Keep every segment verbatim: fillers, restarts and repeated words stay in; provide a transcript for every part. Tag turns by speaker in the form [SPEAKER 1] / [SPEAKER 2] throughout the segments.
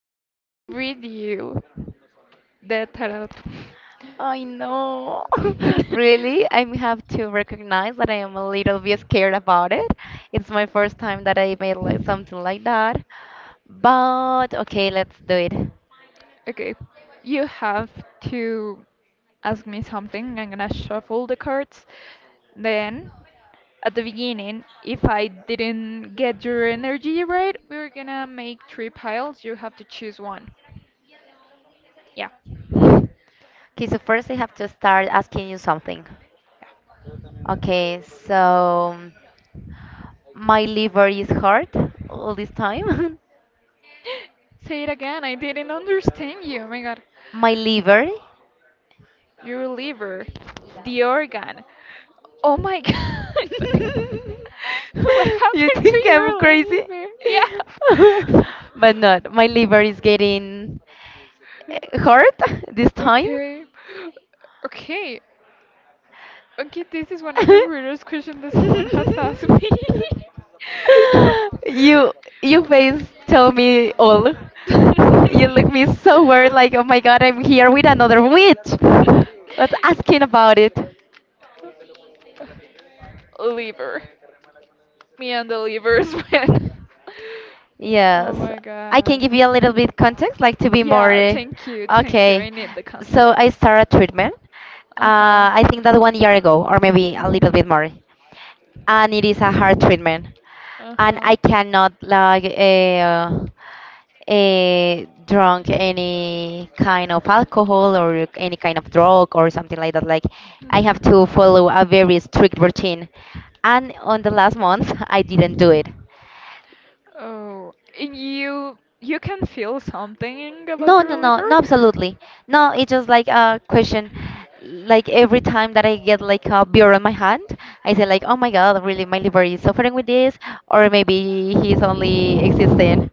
[SPEAKER 1] I'm
[SPEAKER 2] Ay,
[SPEAKER 1] gonna read you the tarot.
[SPEAKER 2] I know. Really, I have to recognize that I am a little bit scared about it. It's my first time that I made like something like that. But okay, let's do it. Okay,
[SPEAKER 1] Okay, you have to ask me something. I'm gonna shuffle the cards. Then, at the beginning, if I didn't get your energy right, we're gonna make three piles. You have to choose one. Yeah. Yeah.
[SPEAKER 2] so first I have to start asking you something. Okay, so my liver is hurt all this time.
[SPEAKER 1] Say it again. I didn't understand you. Oh my god.
[SPEAKER 2] My liver.
[SPEAKER 1] Your liver, the organ. Oh my god. What
[SPEAKER 2] You
[SPEAKER 1] happened to
[SPEAKER 2] think I'm
[SPEAKER 1] your
[SPEAKER 2] crazy?
[SPEAKER 1] liver? Yeah.
[SPEAKER 2] But not. My liver is getting eh, hurt this time.
[SPEAKER 1] Okay. Okay. Okay, this is one of the weirdest questions that someone has asked me.
[SPEAKER 2] You you face tell me all. You look me so weird like, oh my god, I'm here with another witch. But asking about it?
[SPEAKER 1] Liver. Me and the livers went.
[SPEAKER 2] Yes,
[SPEAKER 1] Oh my
[SPEAKER 2] I can
[SPEAKER 1] god.
[SPEAKER 2] give you a little bit context, like to be more
[SPEAKER 1] Yeah,
[SPEAKER 2] uh,
[SPEAKER 1] thank you, thank you.
[SPEAKER 2] okay.
[SPEAKER 1] I need the
[SPEAKER 2] So I
[SPEAKER 1] contact.
[SPEAKER 2] started treatment.
[SPEAKER 1] Uh huh.
[SPEAKER 2] Uh, I think that one year ago, or maybe a little
[SPEAKER 1] hmm
[SPEAKER 2] bit more, and it is a hard treatment,
[SPEAKER 1] Uh
[SPEAKER 2] and
[SPEAKER 1] huh.
[SPEAKER 2] I cannot like uh, uh, drunk any kind of alcohol or any kind of drug or something like that. Like I have
[SPEAKER 1] hmm
[SPEAKER 2] to follow a very strict routine, and on the last month I didn't do it.
[SPEAKER 1] Oh, and you you can feel something about
[SPEAKER 2] No, no,
[SPEAKER 1] your
[SPEAKER 2] no,
[SPEAKER 1] liver?
[SPEAKER 2] no, absolutely. No, it's just like a question. Like every time that I get like a beer on my hand, I say like, "Oh my God, really, my liver is suffering with this," or maybe he's only existing.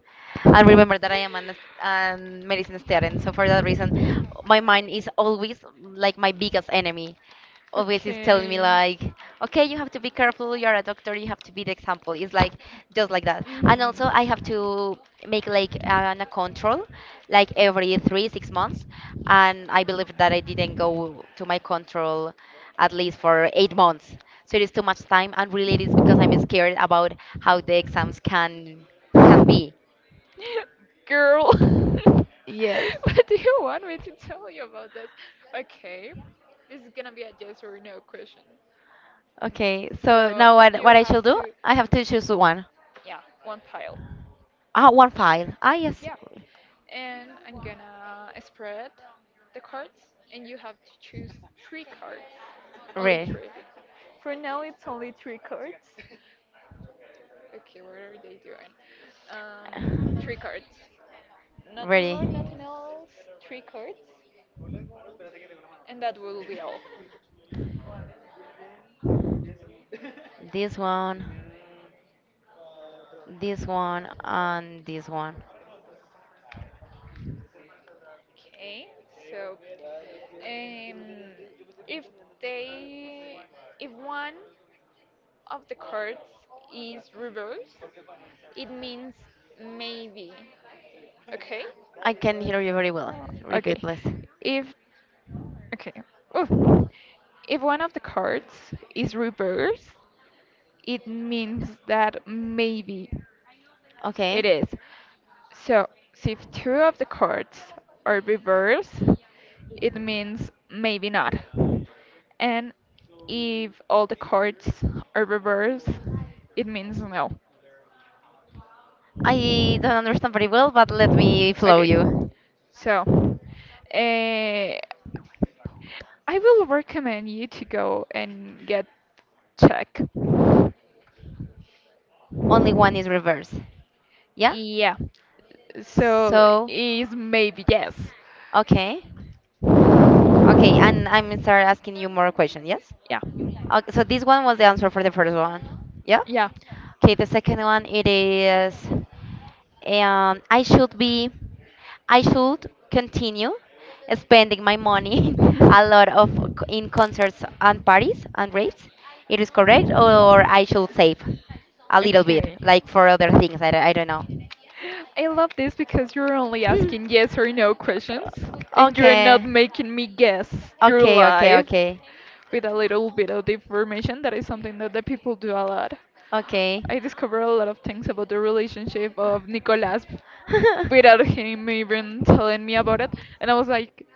[SPEAKER 2] And remember that I am an, a medicine student, so for that reason, my mind is always like my biggest enemy, always is telling me
[SPEAKER 1] Okay.
[SPEAKER 2] like, okay, you have to be careful, you're a doctor, you have to be the example, it's like just like that. And also I have
[SPEAKER 1] Mhm.
[SPEAKER 2] to make like an, a control like every three six months, and I believe that I didn't go to my control at least for eight months, so it is too much time. And really it is because I'm scared about how the exams can can be.
[SPEAKER 1] Girl,
[SPEAKER 2] Yes.
[SPEAKER 1] what do you want me to tell you about this? Okay, this is gonna be a yes or no question.
[SPEAKER 2] Okay, so
[SPEAKER 1] So
[SPEAKER 2] now what,
[SPEAKER 1] you
[SPEAKER 2] what I
[SPEAKER 1] have
[SPEAKER 2] shall do?
[SPEAKER 1] to,
[SPEAKER 2] I have to choose one.
[SPEAKER 1] yeah, one pile.
[SPEAKER 2] Ah one file. Ah yes.
[SPEAKER 1] Yeah. And I'm gonna spread the cards, and you have to choose three cards, only
[SPEAKER 2] Really.
[SPEAKER 1] three. For now, it's only three cards. Okay, what are they doing? Um, Three cards. Nothing more,
[SPEAKER 2] Ready.
[SPEAKER 1] nothing else. Three cards, and that will be all.
[SPEAKER 2] This one, this one, and this one.
[SPEAKER 1] Okay, so um, if they, if one of the cards is reversed, it means maybe. Okay.
[SPEAKER 2] I can hear you very well.
[SPEAKER 1] Uh,
[SPEAKER 2] Repeat,
[SPEAKER 1] Okay.
[SPEAKER 2] please.
[SPEAKER 1] If okay. Oof. If one of the cards is reversed, it means that maybe
[SPEAKER 2] Okay.
[SPEAKER 1] it is. So, so if two of the cards are reversed, it means maybe not. And if all the cards are reversed, it means no.
[SPEAKER 2] I don't understand very well, but let me flow
[SPEAKER 1] Okay.
[SPEAKER 2] you.
[SPEAKER 1] So, uh, I will recommend you to go and get check.
[SPEAKER 2] Only one is reverse. Yeah?
[SPEAKER 1] Yeah. So
[SPEAKER 2] So,
[SPEAKER 1] is maybe yes.
[SPEAKER 2] okay. Okay, and I'm start asking you more questions. Yes.
[SPEAKER 1] Yeah.
[SPEAKER 2] Okay, so this one was the answer for the first one. Yeah.
[SPEAKER 1] Yeah.
[SPEAKER 2] Okay, the second one it is, um, I should be, I should continue spending my money a lot of c- in concerts and parties and raves. It is correct, or I should save a little bit,
[SPEAKER 1] Okay.
[SPEAKER 2] like for other things. I, don't- I don't know.
[SPEAKER 1] I love this because you're only
[SPEAKER 2] Hmm.
[SPEAKER 1] asking yes or no questions,
[SPEAKER 2] Uh,
[SPEAKER 1] and you're not
[SPEAKER 2] Okay.
[SPEAKER 1] making me guess your
[SPEAKER 2] Okay, okay,
[SPEAKER 1] life
[SPEAKER 2] okay.
[SPEAKER 1] with a little bit of information. That is something that the people do a lot.
[SPEAKER 2] Okay.
[SPEAKER 1] I discovered a lot of things about the relationship of Nicolas without him even telling me about it, and I was like,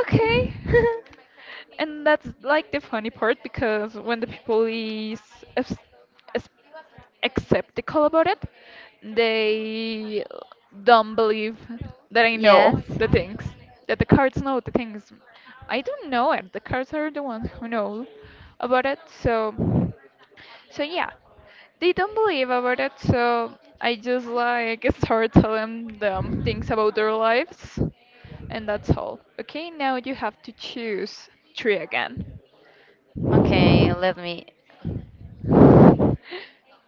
[SPEAKER 1] okay. And that's like the funny part because when the people is ex- ex- skeptical about it, they don't believe that I
[SPEAKER 2] Yes.
[SPEAKER 1] know the things, that the cards know the things. I don't know it. The cards are the ones who know about it. So, so yeah, they don't believe about it. So I just like start telling them things about their lives and that's all. Okay, now you have to choose three again.
[SPEAKER 2] Okay, let me.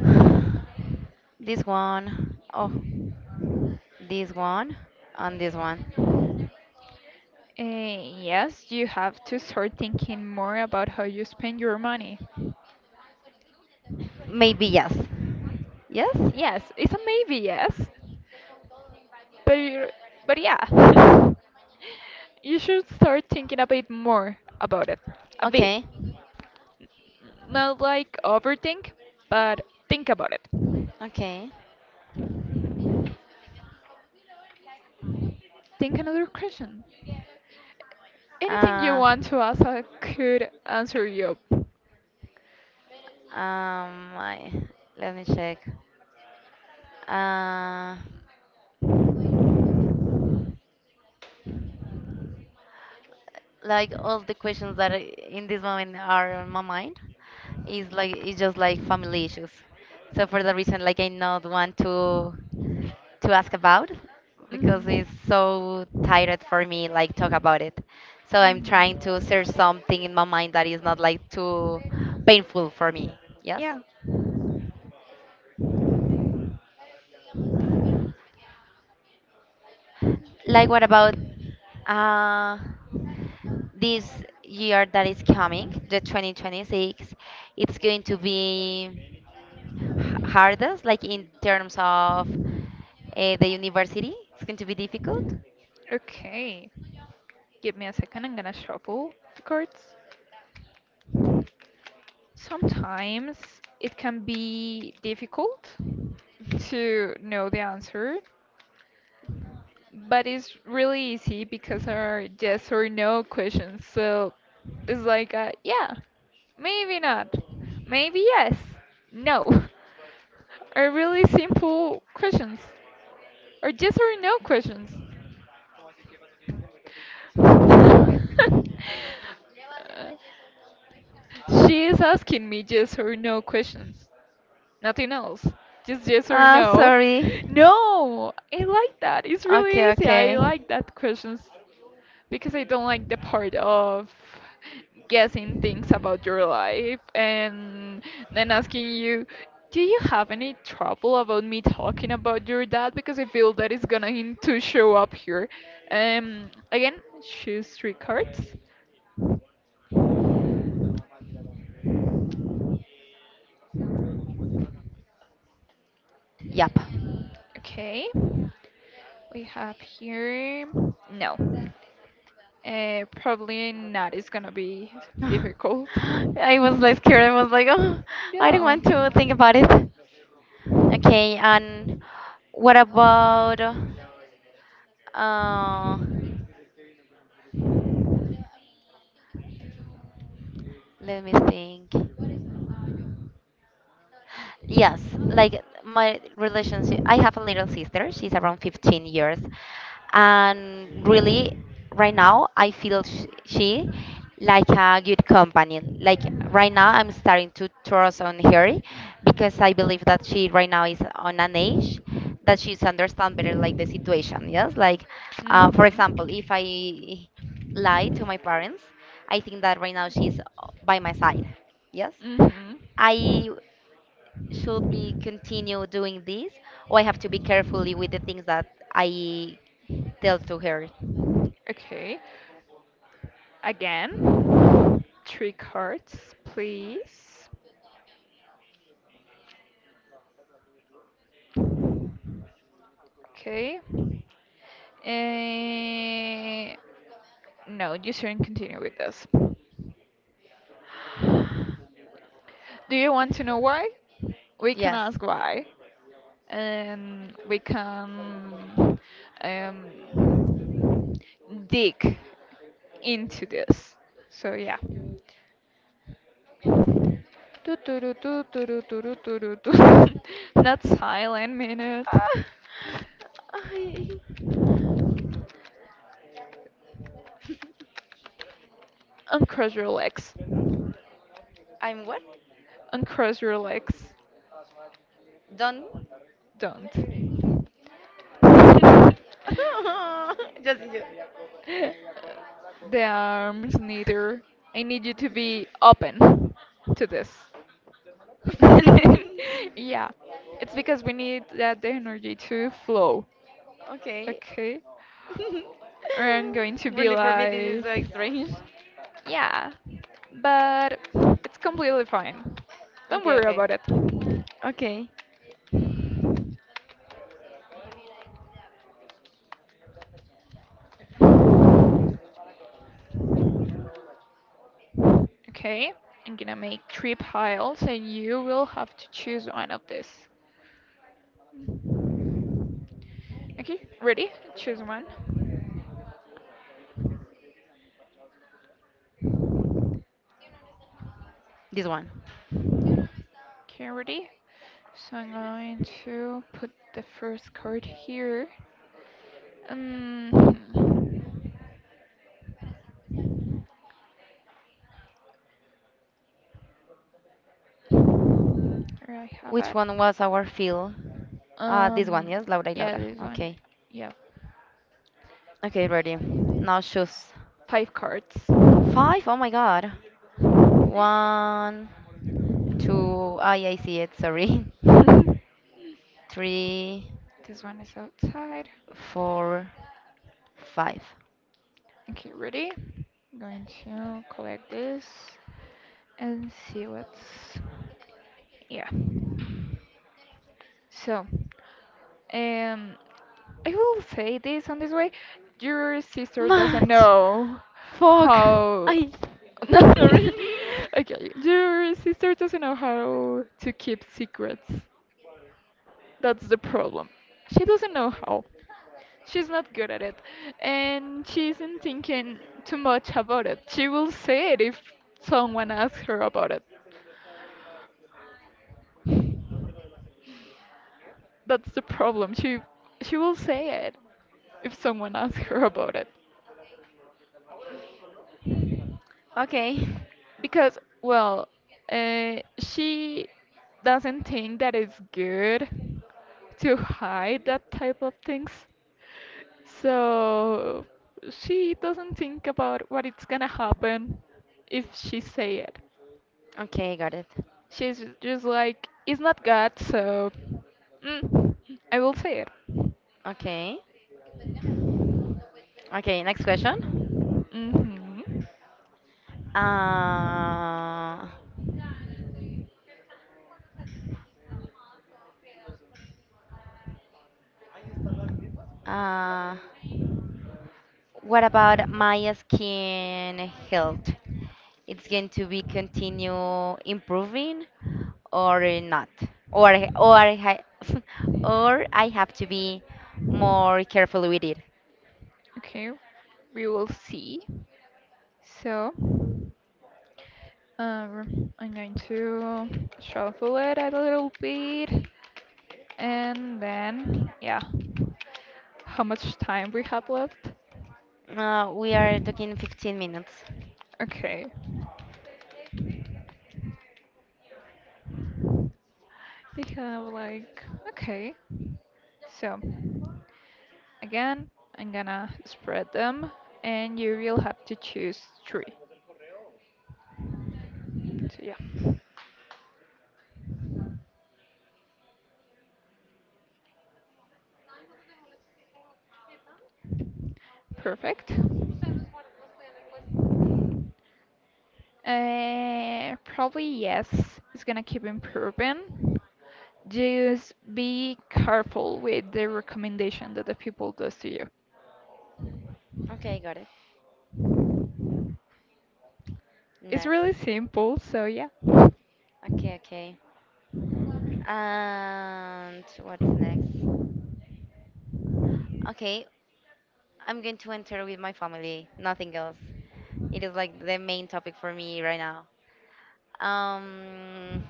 [SPEAKER 2] This one. Oh, this one. And this one.
[SPEAKER 1] Uh, yes, you have to start thinking more about how you spend your money.
[SPEAKER 2] Maybe yes. Yes?
[SPEAKER 1] Yes, it's a maybe, yes. But you- but yeah. You should start thinking a bit more about it. A bit. Okay.
[SPEAKER 2] Okay.
[SPEAKER 1] Not like overthink, but think about it.
[SPEAKER 2] Okay.
[SPEAKER 1] Think another question. Anything you
[SPEAKER 2] Uh,
[SPEAKER 1] want to ask, I could answer you.
[SPEAKER 2] um, I, let me check. Uh, like all the questions that I- in this moment are on my mind is like it's just like family issues, so for that reason like I not want to to ask about, because
[SPEAKER 1] Hmm
[SPEAKER 2] it's so tired for me like talk about it. So I'm trying to search something in my mind that is not like too painful for me. Yes.
[SPEAKER 1] Yeah.
[SPEAKER 2] Like what about uh this year that is coming, the twenty twenty-six? It's going to be h- hardest, like in terms of uh, the university? It's going to be difficult?
[SPEAKER 1] Okay. Give me a second. I'm gonna shuffle the cards. Sometimes it can be difficult to know the answer. But it's really easy because are yes or no questions. So it's like a, yeah, maybe not, maybe yes, no, are really simple questions, or yes or no questions. She is asking me yes or no questions. Nothing else. Just yes or
[SPEAKER 2] Ah,
[SPEAKER 1] no.
[SPEAKER 2] sorry.
[SPEAKER 1] No, I like that. It's
[SPEAKER 2] Okay,
[SPEAKER 1] really easy. I
[SPEAKER 2] okay.
[SPEAKER 1] like that questions because I don't like the part of guessing things about your life and then asking you, do you have any trouble about me talking about your dad? Because I feel that is gonna him to show up here. Um, again, choose three cards.
[SPEAKER 2] Yep.
[SPEAKER 1] Okay, we have here. No. Uh, probably not. It's gonna be difficult.
[SPEAKER 2] I was like scared. I was like, oh, I don't
[SPEAKER 1] Yeah.
[SPEAKER 2] want to think about it. Okay, and what about? Uh, let me think. Yes, like my relationship. I have a little sister. She's around fifteen years, and really, right now, I feel sh she like a good companion. Like right now, I'm starting to trust on her, because I believe that she right now is on an age that she's understand better like the situation. Yes, like uh,
[SPEAKER 1] Mhm.
[SPEAKER 2] for example, if I lie to my parents, I think that right now she's uh, by my side. Yes.
[SPEAKER 1] Mhm.
[SPEAKER 2] I should be continue doing this, or I have to be carefully with the things that I tell to her?
[SPEAKER 1] Okay. Again, three cards, please. Okay. Eh, no, you shouldn't continue with this. Do you want to know why? We can
[SPEAKER 2] Yes.
[SPEAKER 1] ask why. And we can um, dig into this. So yeah. Tu, tu, ru, tu, tu, ru, tu, ru, tu, ru, tu. Not silent minute.
[SPEAKER 2] Ah, I,
[SPEAKER 1] Uncross your legs.
[SPEAKER 2] I'm what?
[SPEAKER 1] Uncross your legs.
[SPEAKER 2] Done?
[SPEAKER 1] Don't.
[SPEAKER 2] Just you.
[SPEAKER 1] The arms neither. I need you to be open to this. Yeah, it's because we need that the energy to flow.
[SPEAKER 2] Okay.
[SPEAKER 1] Okay, I'm going to be
[SPEAKER 2] Really, for me, this is
[SPEAKER 1] like,
[SPEAKER 2] so strange.
[SPEAKER 1] yeah, but it's completely fine. Don't
[SPEAKER 2] Okay,
[SPEAKER 1] worry
[SPEAKER 2] okay.
[SPEAKER 1] about it.
[SPEAKER 2] Okay.
[SPEAKER 1] Okay, I'm gonna make three piles and you will have to choose one of this. Okay, ready? Choose one.
[SPEAKER 2] This one.
[SPEAKER 1] Okay, ready? So I'm going to put the first card here. Um, where I have
[SPEAKER 2] Which
[SPEAKER 1] it.
[SPEAKER 2] one was our fill? Uh, this one,
[SPEAKER 1] Um,
[SPEAKER 2] yes, Laura y
[SPEAKER 1] yeah,
[SPEAKER 2] Laura.
[SPEAKER 1] this one.
[SPEAKER 2] Okay.
[SPEAKER 1] Yeah,
[SPEAKER 2] Okay, ready. Now choose.
[SPEAKER 1] five cards.
[SPEAKER 2] Five? Oh my God. One, two. Ah, yeah, I see it. Sorry. Three,
[SPEAKER 1] This one is outside.
[SPEAKER 2] four, five.
[SPEAKER 1] Okay, ready? I'm going to collect this and see what's. Yeah. So, um, I will say this on this way. Your sister doesn't
[SPEAKER 2] Matt!
[SPEAKER 1] know
[SPEAKER 2] Fuck!
[SPEAKER 1] how.
[SPEAKER 2] I. Sorry.
[SPEAKER 1] Okay, your sister doesn't know how to keep secrets. That's the problem. She doesn't know how. She's not good at it. And she isn't thinking too much about it. She will say it if someone asks her about it. That's the problem. She she will say it if someone asks her about it.
[SPEAKER 2] Okay.
[SPEAKER 1] Because, well, uh, she doesn't think that it's good to hide that type of things. So she doesn't think about what it's gonna happen if she say it.
[SPEAKER 2] Okay, got it.
[SPEAKER 1] She's just like, it's not God, so mm, I will say it.
[SPEAKER 2] Okay. Okay, next question.
[SPEAKER 1] Hmm
[SPEAKER 2] Uh, uh, what about my skin health? It's going to be continue improving or not, or I- or I ha- or I have to be more careful with it.
[SPEAKER 1] Okay, we will see. So, um, I'm going to shuffle it a little bit, and then, yeah, how much time we have left?
[SPEAKER 2] Uh, we are talking fifteen minutes.
[SPEAKER 1] Okay. They have like, okay. So, again, I'm gonna spread them and you will have to choose three. So, yeah, perfect. Uh, probably yes, it's gonna keep improving. Just be careful with the recommendation that the people does to you.
[SPEAKER 2] Okay, got it.
[SPEAKER 1] It's
[SPEAKER 2] Next.
[SPEAKER 1] really simple, so yeah.
[SPEAKER 2] Okay, okay. And what's next? Okay, I'm going to enter with my family. Nothing else. It is like the main topic for me right now. Um,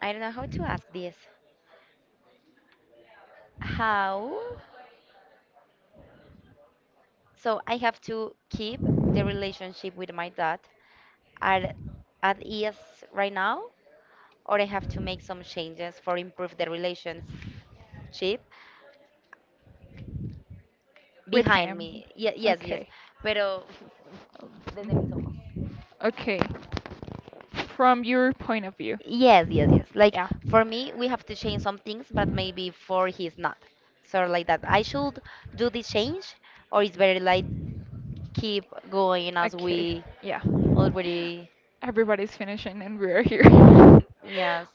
[SPEAKER 2] I don't know how to ask this. How? So I have to keep the relationship with my dad at at ease right now, or I have to make some changes for improve the relationship
[SPEAKER 1] With
[SPEAKER 2] behind
[SPEAKER 1] him.
[SPEAKER 2] me. Ye- yes, yes.
[SPEAKER 1] Okay.
[SPEAKER 2] Pero desde mis ojos.
[SPEAKER 1] Um, Okay. From your point of view.
[SPEAKER 2] Yes, yes, yes. Like
[SPEAKER 1] Yeah.
[SPEAKER 2] for me, we have to change some things, but maybe for he's not. So like that, I should do this change, or it's better like keep going as
[SPEAKER 1] Okay.
[SPEAKER 2] we
[SPEAKER 1] Yeah.
[SPEAKER 2] already.
[SPEAKER 1] Everybody's finishing and we are here.
[SPEAKER 2] Yes.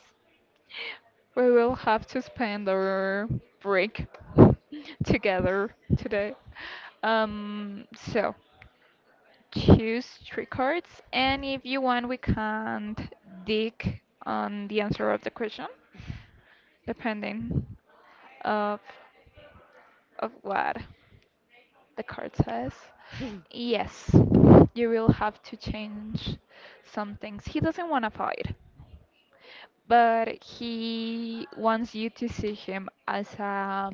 [SPEAKER 1] We will have to spend our break together today. Um, so choose three cards, and if you want, we can dig on the answer of the question depending of of what the card says. Yes, you will have to change some things. He doesn't want to fight, but he wants you to see him as a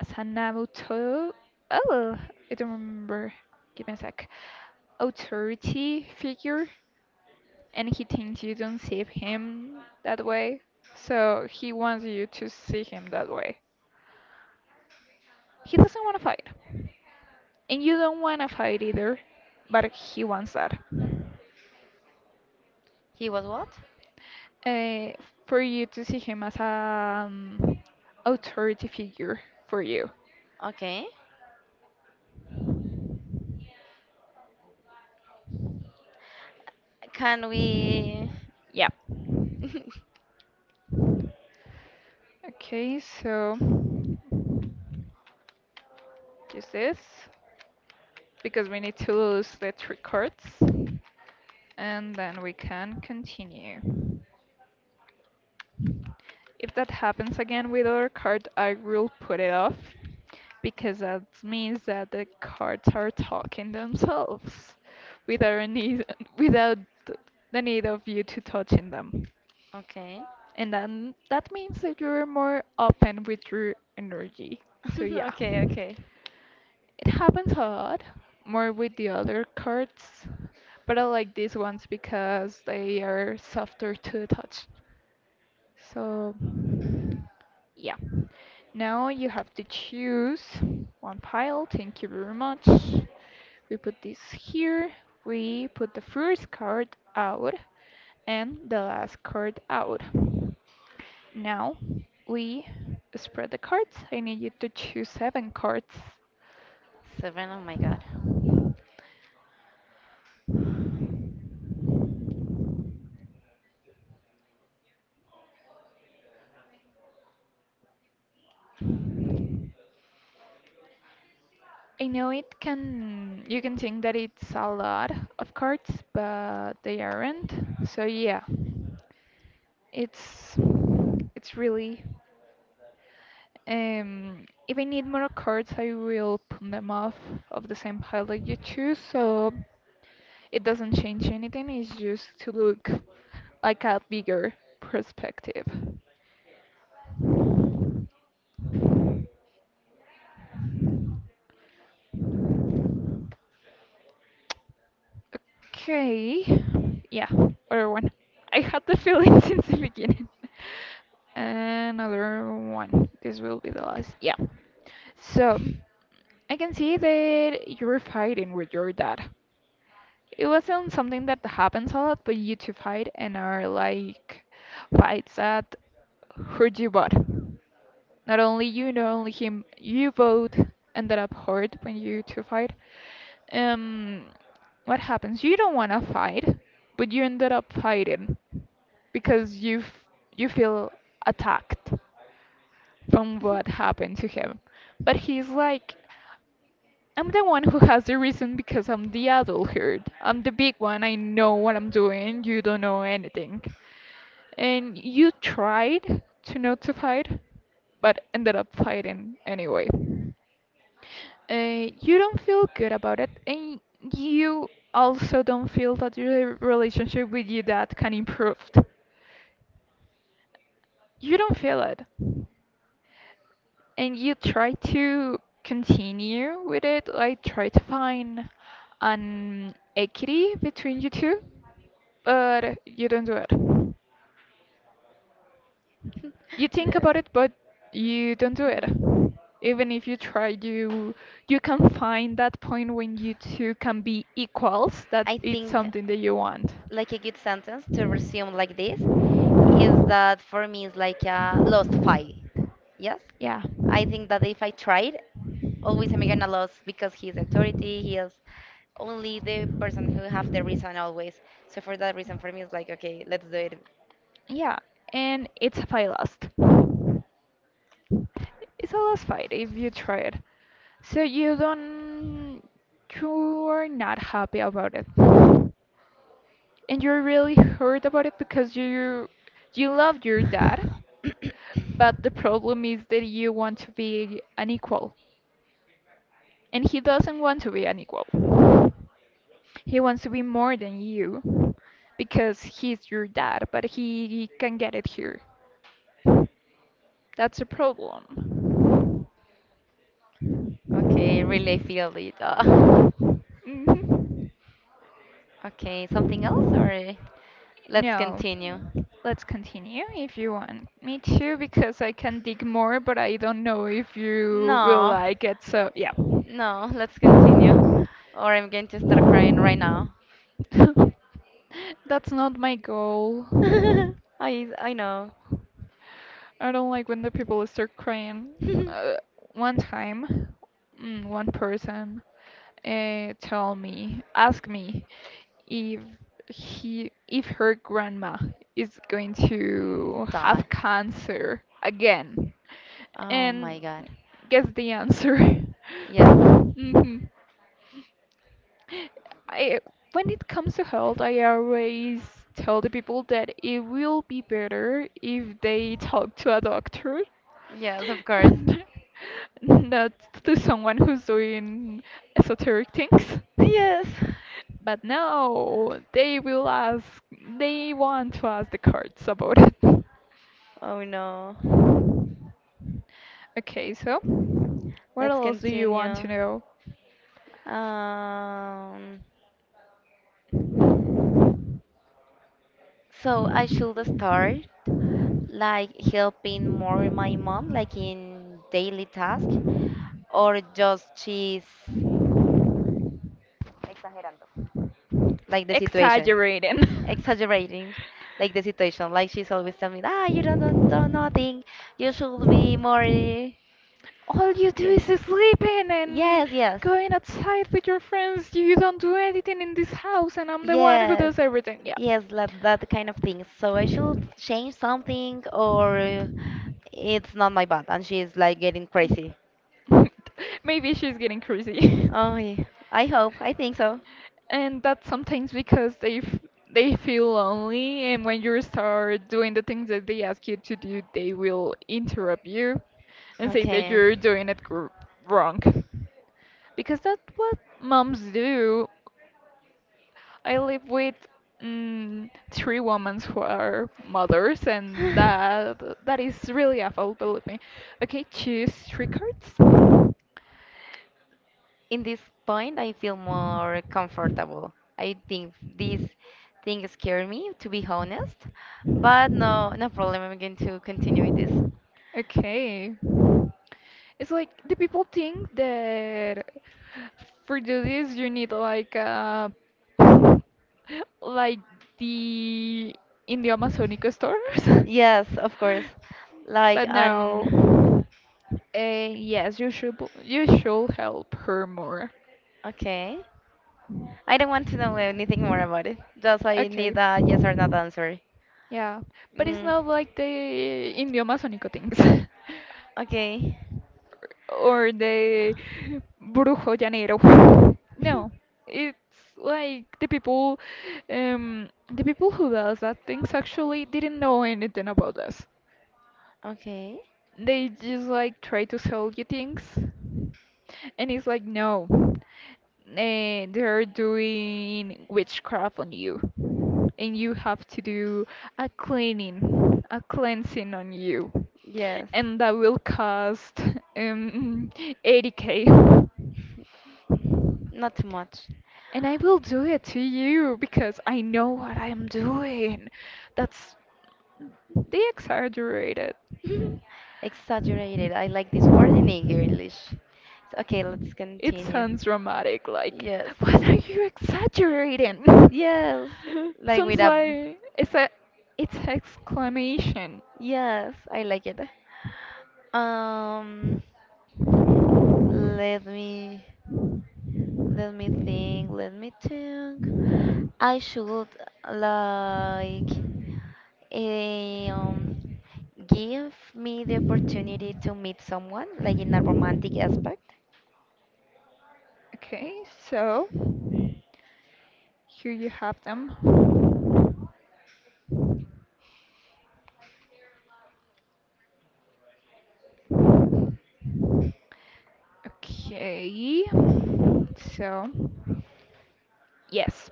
[SPEAKER 1] as an auto. Oh, I don't remember. Give me a sec. Authority figure, and he thinks you don't see him that way. So he wants you to see him that way. He doesn't want to fight. And you don't want to fight either, but he wants that.
[SPEAKER 2] He was what?
[SPEAKER 1] Uh, for you to see him as a um, authority figure for you.
[SPEAKER 2] Okay. Can we?
[SPEAKER 1] Yeah. Okay, so just this because we need to lose the three cards and then we can continue. If that happens again with other card, I will put it off because that means that the cards are talking themselves without a need, without th- the need of you to touching them.
[SPEAKER 2] Okay.
[SPEAKER 1] And then that means that you're more open with your energy. So yeah.
[SPEAKER 2] Okay, okay.
[SPEAKER 1] It happens a lot more with the other cards, but I like these ones because they are softer to the touch. So, yeah. Now you have to choose one pile. Thank you very much. We put this here. We put the first card out and the last card out. Now we spread the cards. I need you to choose seven cards.
[SPEAKER 2] Seven, oh my God.
[SPEAKER 1] I know it can, you can think that it's a lot of cards, but they aren't. So, yeah. It's it's really um if I need more cards I will put them off of the same pile that you choose, so it doesn't change anything, it's just to look like a bigger perspective. Okay. Yeah, other one. I had the feeling since the beginning. Another one. This will be the last. Yeah. So I can see that you're fighting with your dad. It wasn't something that happens a lot, but you two fight and are like fights that hurt you both. Not only you, not only him, you both ended up hurt when you two fight. Um, what happens? You don't want to fight, but you ended up fighting because you f- you feel attacked from what happened to him. But he's like, I'm the one who has the reason because I'm the adult here. I'm the big one. I know what I'm doing. You don't know anything. And you tried to not to fight, but ended up fighting anyway. Uh, you don't feel good about it, and you also don't feel that your relationship with your dad can improve. You don't feel it. And you try to continue with it, like try to find an equity between you two, but you don't do it. You think
[SPEAKER 2] Yeah.
[SPEAKER 1] about it, but you don't do it.
[SPEAKER 2] Hmm.
[SPEAKER 1] Even if you try, you you can find that point when you two can be equals, that
[SPEAKER 2] I
[SPEAKER 1] it's
[SPEAKER 2] think
[SPEAKER 1] something that you want.
[SPEAKER 2] like a good sentence to resume like this is that for me it's like a lost fight. Yes?
[SPEAKER 1] Yeah.
[SPEAKER 2] I think that if I tried, always I'm gonna lose because he's authority, he is only the person who have the reason always. So for that reason for me it's like okay, let's do it.
[SPEAKER 1] Yeah, and it's a fight lost. It's a lost fight if you try it. So you don't, you are not happy about it. And you're really hurt about it because you you love your dad, but the problem is that you want to be unequal, and he doesn't want to be unequal. He wants to be more than you because he's your dad, but he can get it here. That's a problem.
[SPEAKER 2] Okay, really feel it. uh.
[SPEAKER 1] Mhm.
[SPEAKER 2] Okay, something else or let's
[SPEAKER 1] No,
[SPEAKER 2] continue?
[SPEAKER 1] let's continue if you want me to because I can dig more, but I don't know if you will
[SPEAKER 2] No,
[SPEAKER 1] like it. So, yeah.
[SPEAKER 2] no, let's continue. Or I'm going to start crying right now.
[SPEAKER 1] That's not my goal.
[SPEAKER 2] I I know.
[SPEAKER 1] I don't like when the people start crying. Uh, One time, mm, one person uh, tell me, ask me if he, if her grandma is going to
[SPEAKER 2] Dot.
[SPEAKER 1] have cancer again,
[SPEAKER 2] Oh my
[SPEAKER 1] and
[SPEAKER 2] god.
[SPEAKER 1] guess the answer.
[SPEAKER 2] Yes.
[SPEAKER 1] Mhm. I, when it comes to health, I always tell the people that it will be better if they talk to a doctor,
[SPEAKER 2] Yes, of course.
[SPEAKER 1] not to someone who's doing esoteric things.
[SPEAKER 2] Yes.
[SPEAKER 1] But no, they will ask, they want to ask the cards about it.
[SPEAKER 2] Oh no.
[SPEAKER 1] Okay, so what
[SPEAKER 2] Let's
[SPEAKER 1] else do you want
[SPEAKER 2] continue.
[SPEAKER 1] to
[SPEAKER 2] Um, so I should start
[SPEAKER 1] know?
[SPEAKER 2] like helping more my mom, like in daily task, or just she's like the situation
[SPEAKER 1] Exaggerating.
[SPEAKER 2] exaggerating like the situation. Like she's always telling me, ah you don't, don't do nothing, you should be more eh,
[SPEAKER 1] All you
[SPEAKER 2] yeah,
[SPEAKER 1] do is sleeping
[SPEAKER 2] yes,
[SPEAKER 1] and
[SPEAKER 2] yes,
[SPEAKER 1] going outside with your friends. You don't do anything in this house, and I'm the one who
[SPEAKER 2] yes,
[SPEAKER 1] does everything. Yeah.
[SPEAKER 2] yes, like that kind of thing. So I should change something, or uh, it's not my bad and she's like getting crazy.
[SPEAKER 1] Maybe she's getting crazy.
[SPEAKER 2] Oh yeah. I hope. I think so.
[SPEAKER 1] And that's sometimes because they f- they feel lonely, and when you start doing the things that they ask you to do, they will interrupt you and say that
[SPEAKER 2] Okay.
[SPEAKER 1] you're doing it gr- wrong, because that's what moms do. I live with mm, three women who are mothers, and that that is really awful, believe me. Okay, choose three cards.
[SPEAKER 2] In this point, I feel more comfortable. I think this thing scared me, to be honest, but no, no problem. I'm going to continue with this.
[SPEAKER 1] Okay, it's like the people think that for do this you need like uh like the, in the Amazonica stores.
[SPEAKER 2] Yes, of course. Like
[SPEAKER 1] But
[SPEAKER 2] an.
[SPEAKER 1] no. Uh, yes, you should b- you should help her more.
[SPEAKER 2] Okay. I don't want to know anything more about it. Just I need
[SPEAKER 1] Okay.
[SPEAKER 2] a yes or not answer.
[SPEAKER 1] Yeah, but it's
[SPEAKER 2] Mm,
[SPEAKER 1] not like the, in the Amazonica things.
[SPEAKER 2] okay.
[SPEAKER 1] Or the Brujo Llanero. No, it's like the people, um, the people who does that things actually didn't know anything about us.
[SPEAKER 2] Okay.
[SPEAKER 1] They just like try to sell you things, and it's like, no, eh, they're doing witchcraft on you. And you have to do a cleaning, a cleansing on you.
[SPEAKER 2] Yes.
[SPEAKER 1] And that will cost um, eighty k.
[SPEAKER 2] Not too much.
[SPEAKER 1] And I will do it to you because I know what I am doing. That's. They exaggerated.
[SPEAKER 2] Exaggerated. I like this word in English. So, okay, let's
[SPEAKER 1] It
[SPEAKER 2] continue.
[SPEAKER 1] sounds dramatic, like,
[SPEAKER 2] Yes.
[SPEAKER 1] what are you exaggerating?
[SPEAKER 2] Yes. Like with
[SPEAKER 1] Sounds
[SPEAKER 2] a.
[SPEAKER 1] like it's a, it's an exclamation.
[SPEAKER 2] Yes, I like it. Um, let me let me think. Let me think. I should like eh, um give me the opportunity to meet someone, like in a romantic aspect.
[SPEAKER 1] Okay, so here you have them. Okay, so yes,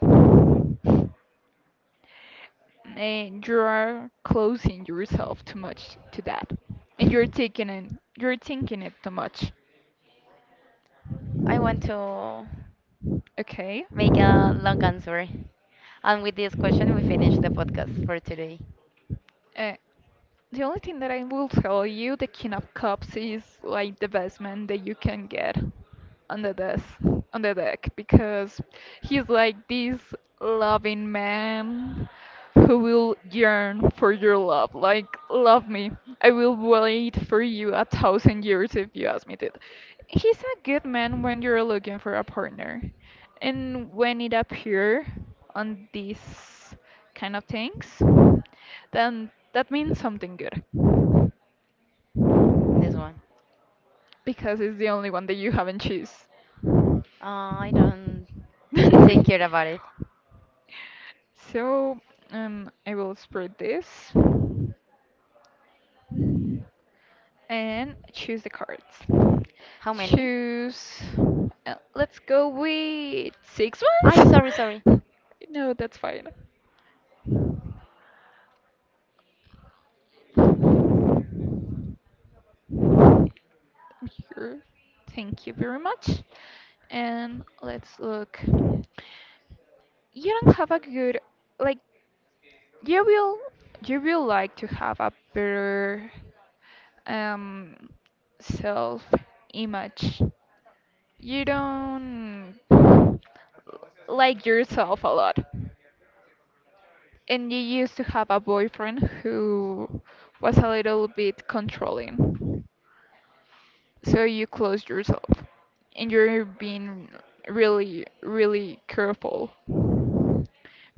[SPEAKER 1] and you are closing yourself too much to that, and you're taking it, you're thinking it too much.
[SPEAKER 2] I want to
[SPEAKER 1] Okay.
[SPEAKER 2] make a long answer. And with this question, we finish the podcast for today.
[SPEAKER 1] Uh, the only thing that I will tell you, the King of Cups is like the best man that you can get on the desk, on the deck, because he's like this loving man who will yearn for your love. Like, love me. I will wait for you a thousand years if you ask me to. He's a good man when you're looking for a partner. And when it appear on this kind of things, then that means something good,
[SPEAKER 2] This one.
[SPEAKER 1] because it's the only one that you haven't choose.
[SPEAKER 2] Uh, I don't take care about it.
[SPEAKER 1] So um, I will spread this and choose the cards.
[SPEAKER 2] How many?
[SPEAKER 1] Choose. Uh, let's go with six
[SPEAKER 2] I sorry,
[SPEAKER 1] ones.
[SPEAKER 2] sorry.
[SPEAKER 1] No, that's fine. I'm here. Thank you very much. And let's look. You don't have a good, like. You will, you will like to have a better um self image. You don't like yourself a lot. And you used to have a boyfriend who was a little bit controlling. So you closed yourself, and you're being really, really careful,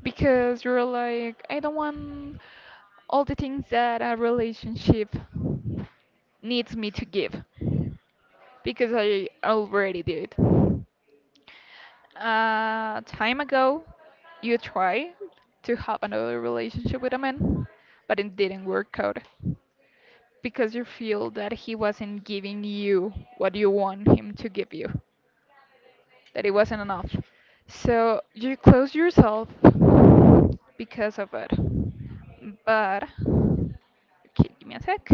[SPEAKER 1] because you're like, I don't want all the things that a relationship needs me to give, because I already did. Uh, time ago, you tried to have another relationship with a man, but it didn't work out because you feel that he wasn't giving you what you want him to give you, that it wasn't enough. So you close yourself because of it. But okay, give me a sec.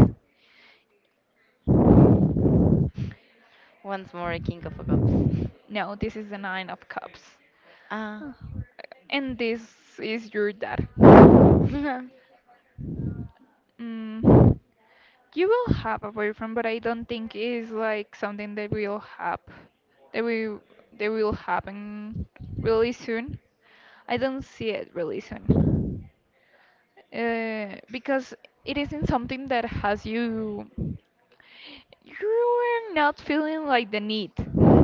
[SPEAKER 2] Once more, a king of cups.
[SPEAKER 1] No, this is the nine of cups.
[SPEAKER 2] Ah.
[SPEAKER 1] Oh, and this is your dad. Mm, you will have a boyfriend, but I don't think it's like something that will happen. That will, that will happen really soon. I don't see it really soon. Uh, because it isn't something that has you, you're not feeling like the need.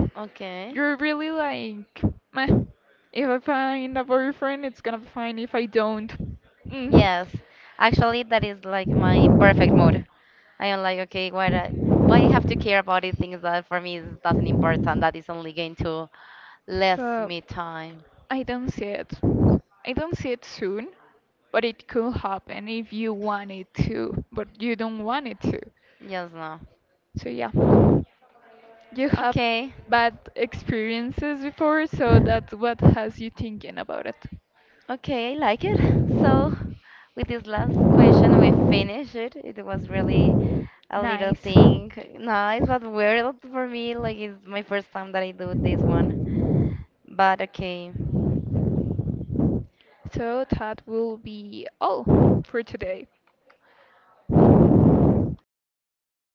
[SPEAKER 2] Okay.
[SPEAKER 1] You're really like, meh, if I find a boyfriend, it's gonna be fine. If I don't, mm.
[SPEAKER 2] Yes, actually, that is like my perfect mood. I am like, okay, why do- why I have to care about these things that for me is, doesn't important. That is only going to less me
[SPEAKER 1] So
[SPEAKER 2] time.
[SPEAKER 1] I don't see it. I don't see it soon, but it could happen if you want it to, but you don't want it to.
[SPEAKER 2] Yes, no.
[SPEAKER 1] So yeah, you have.
[SPEAKER 2] Okay,
[SPEAKER 1] Okay. Bad experiences before, so that's what has you thinking about it. Okay.
[SPEAKER 2] okay, I like it. So, with this last question, we finish it. It was really a little
[SPEAKER 1] Nice.
[SPEAKER 2] thing, nice but weird for me. Like it's my first time that I do this one. But okay.
[SPEAKER 1] So that will be all for today.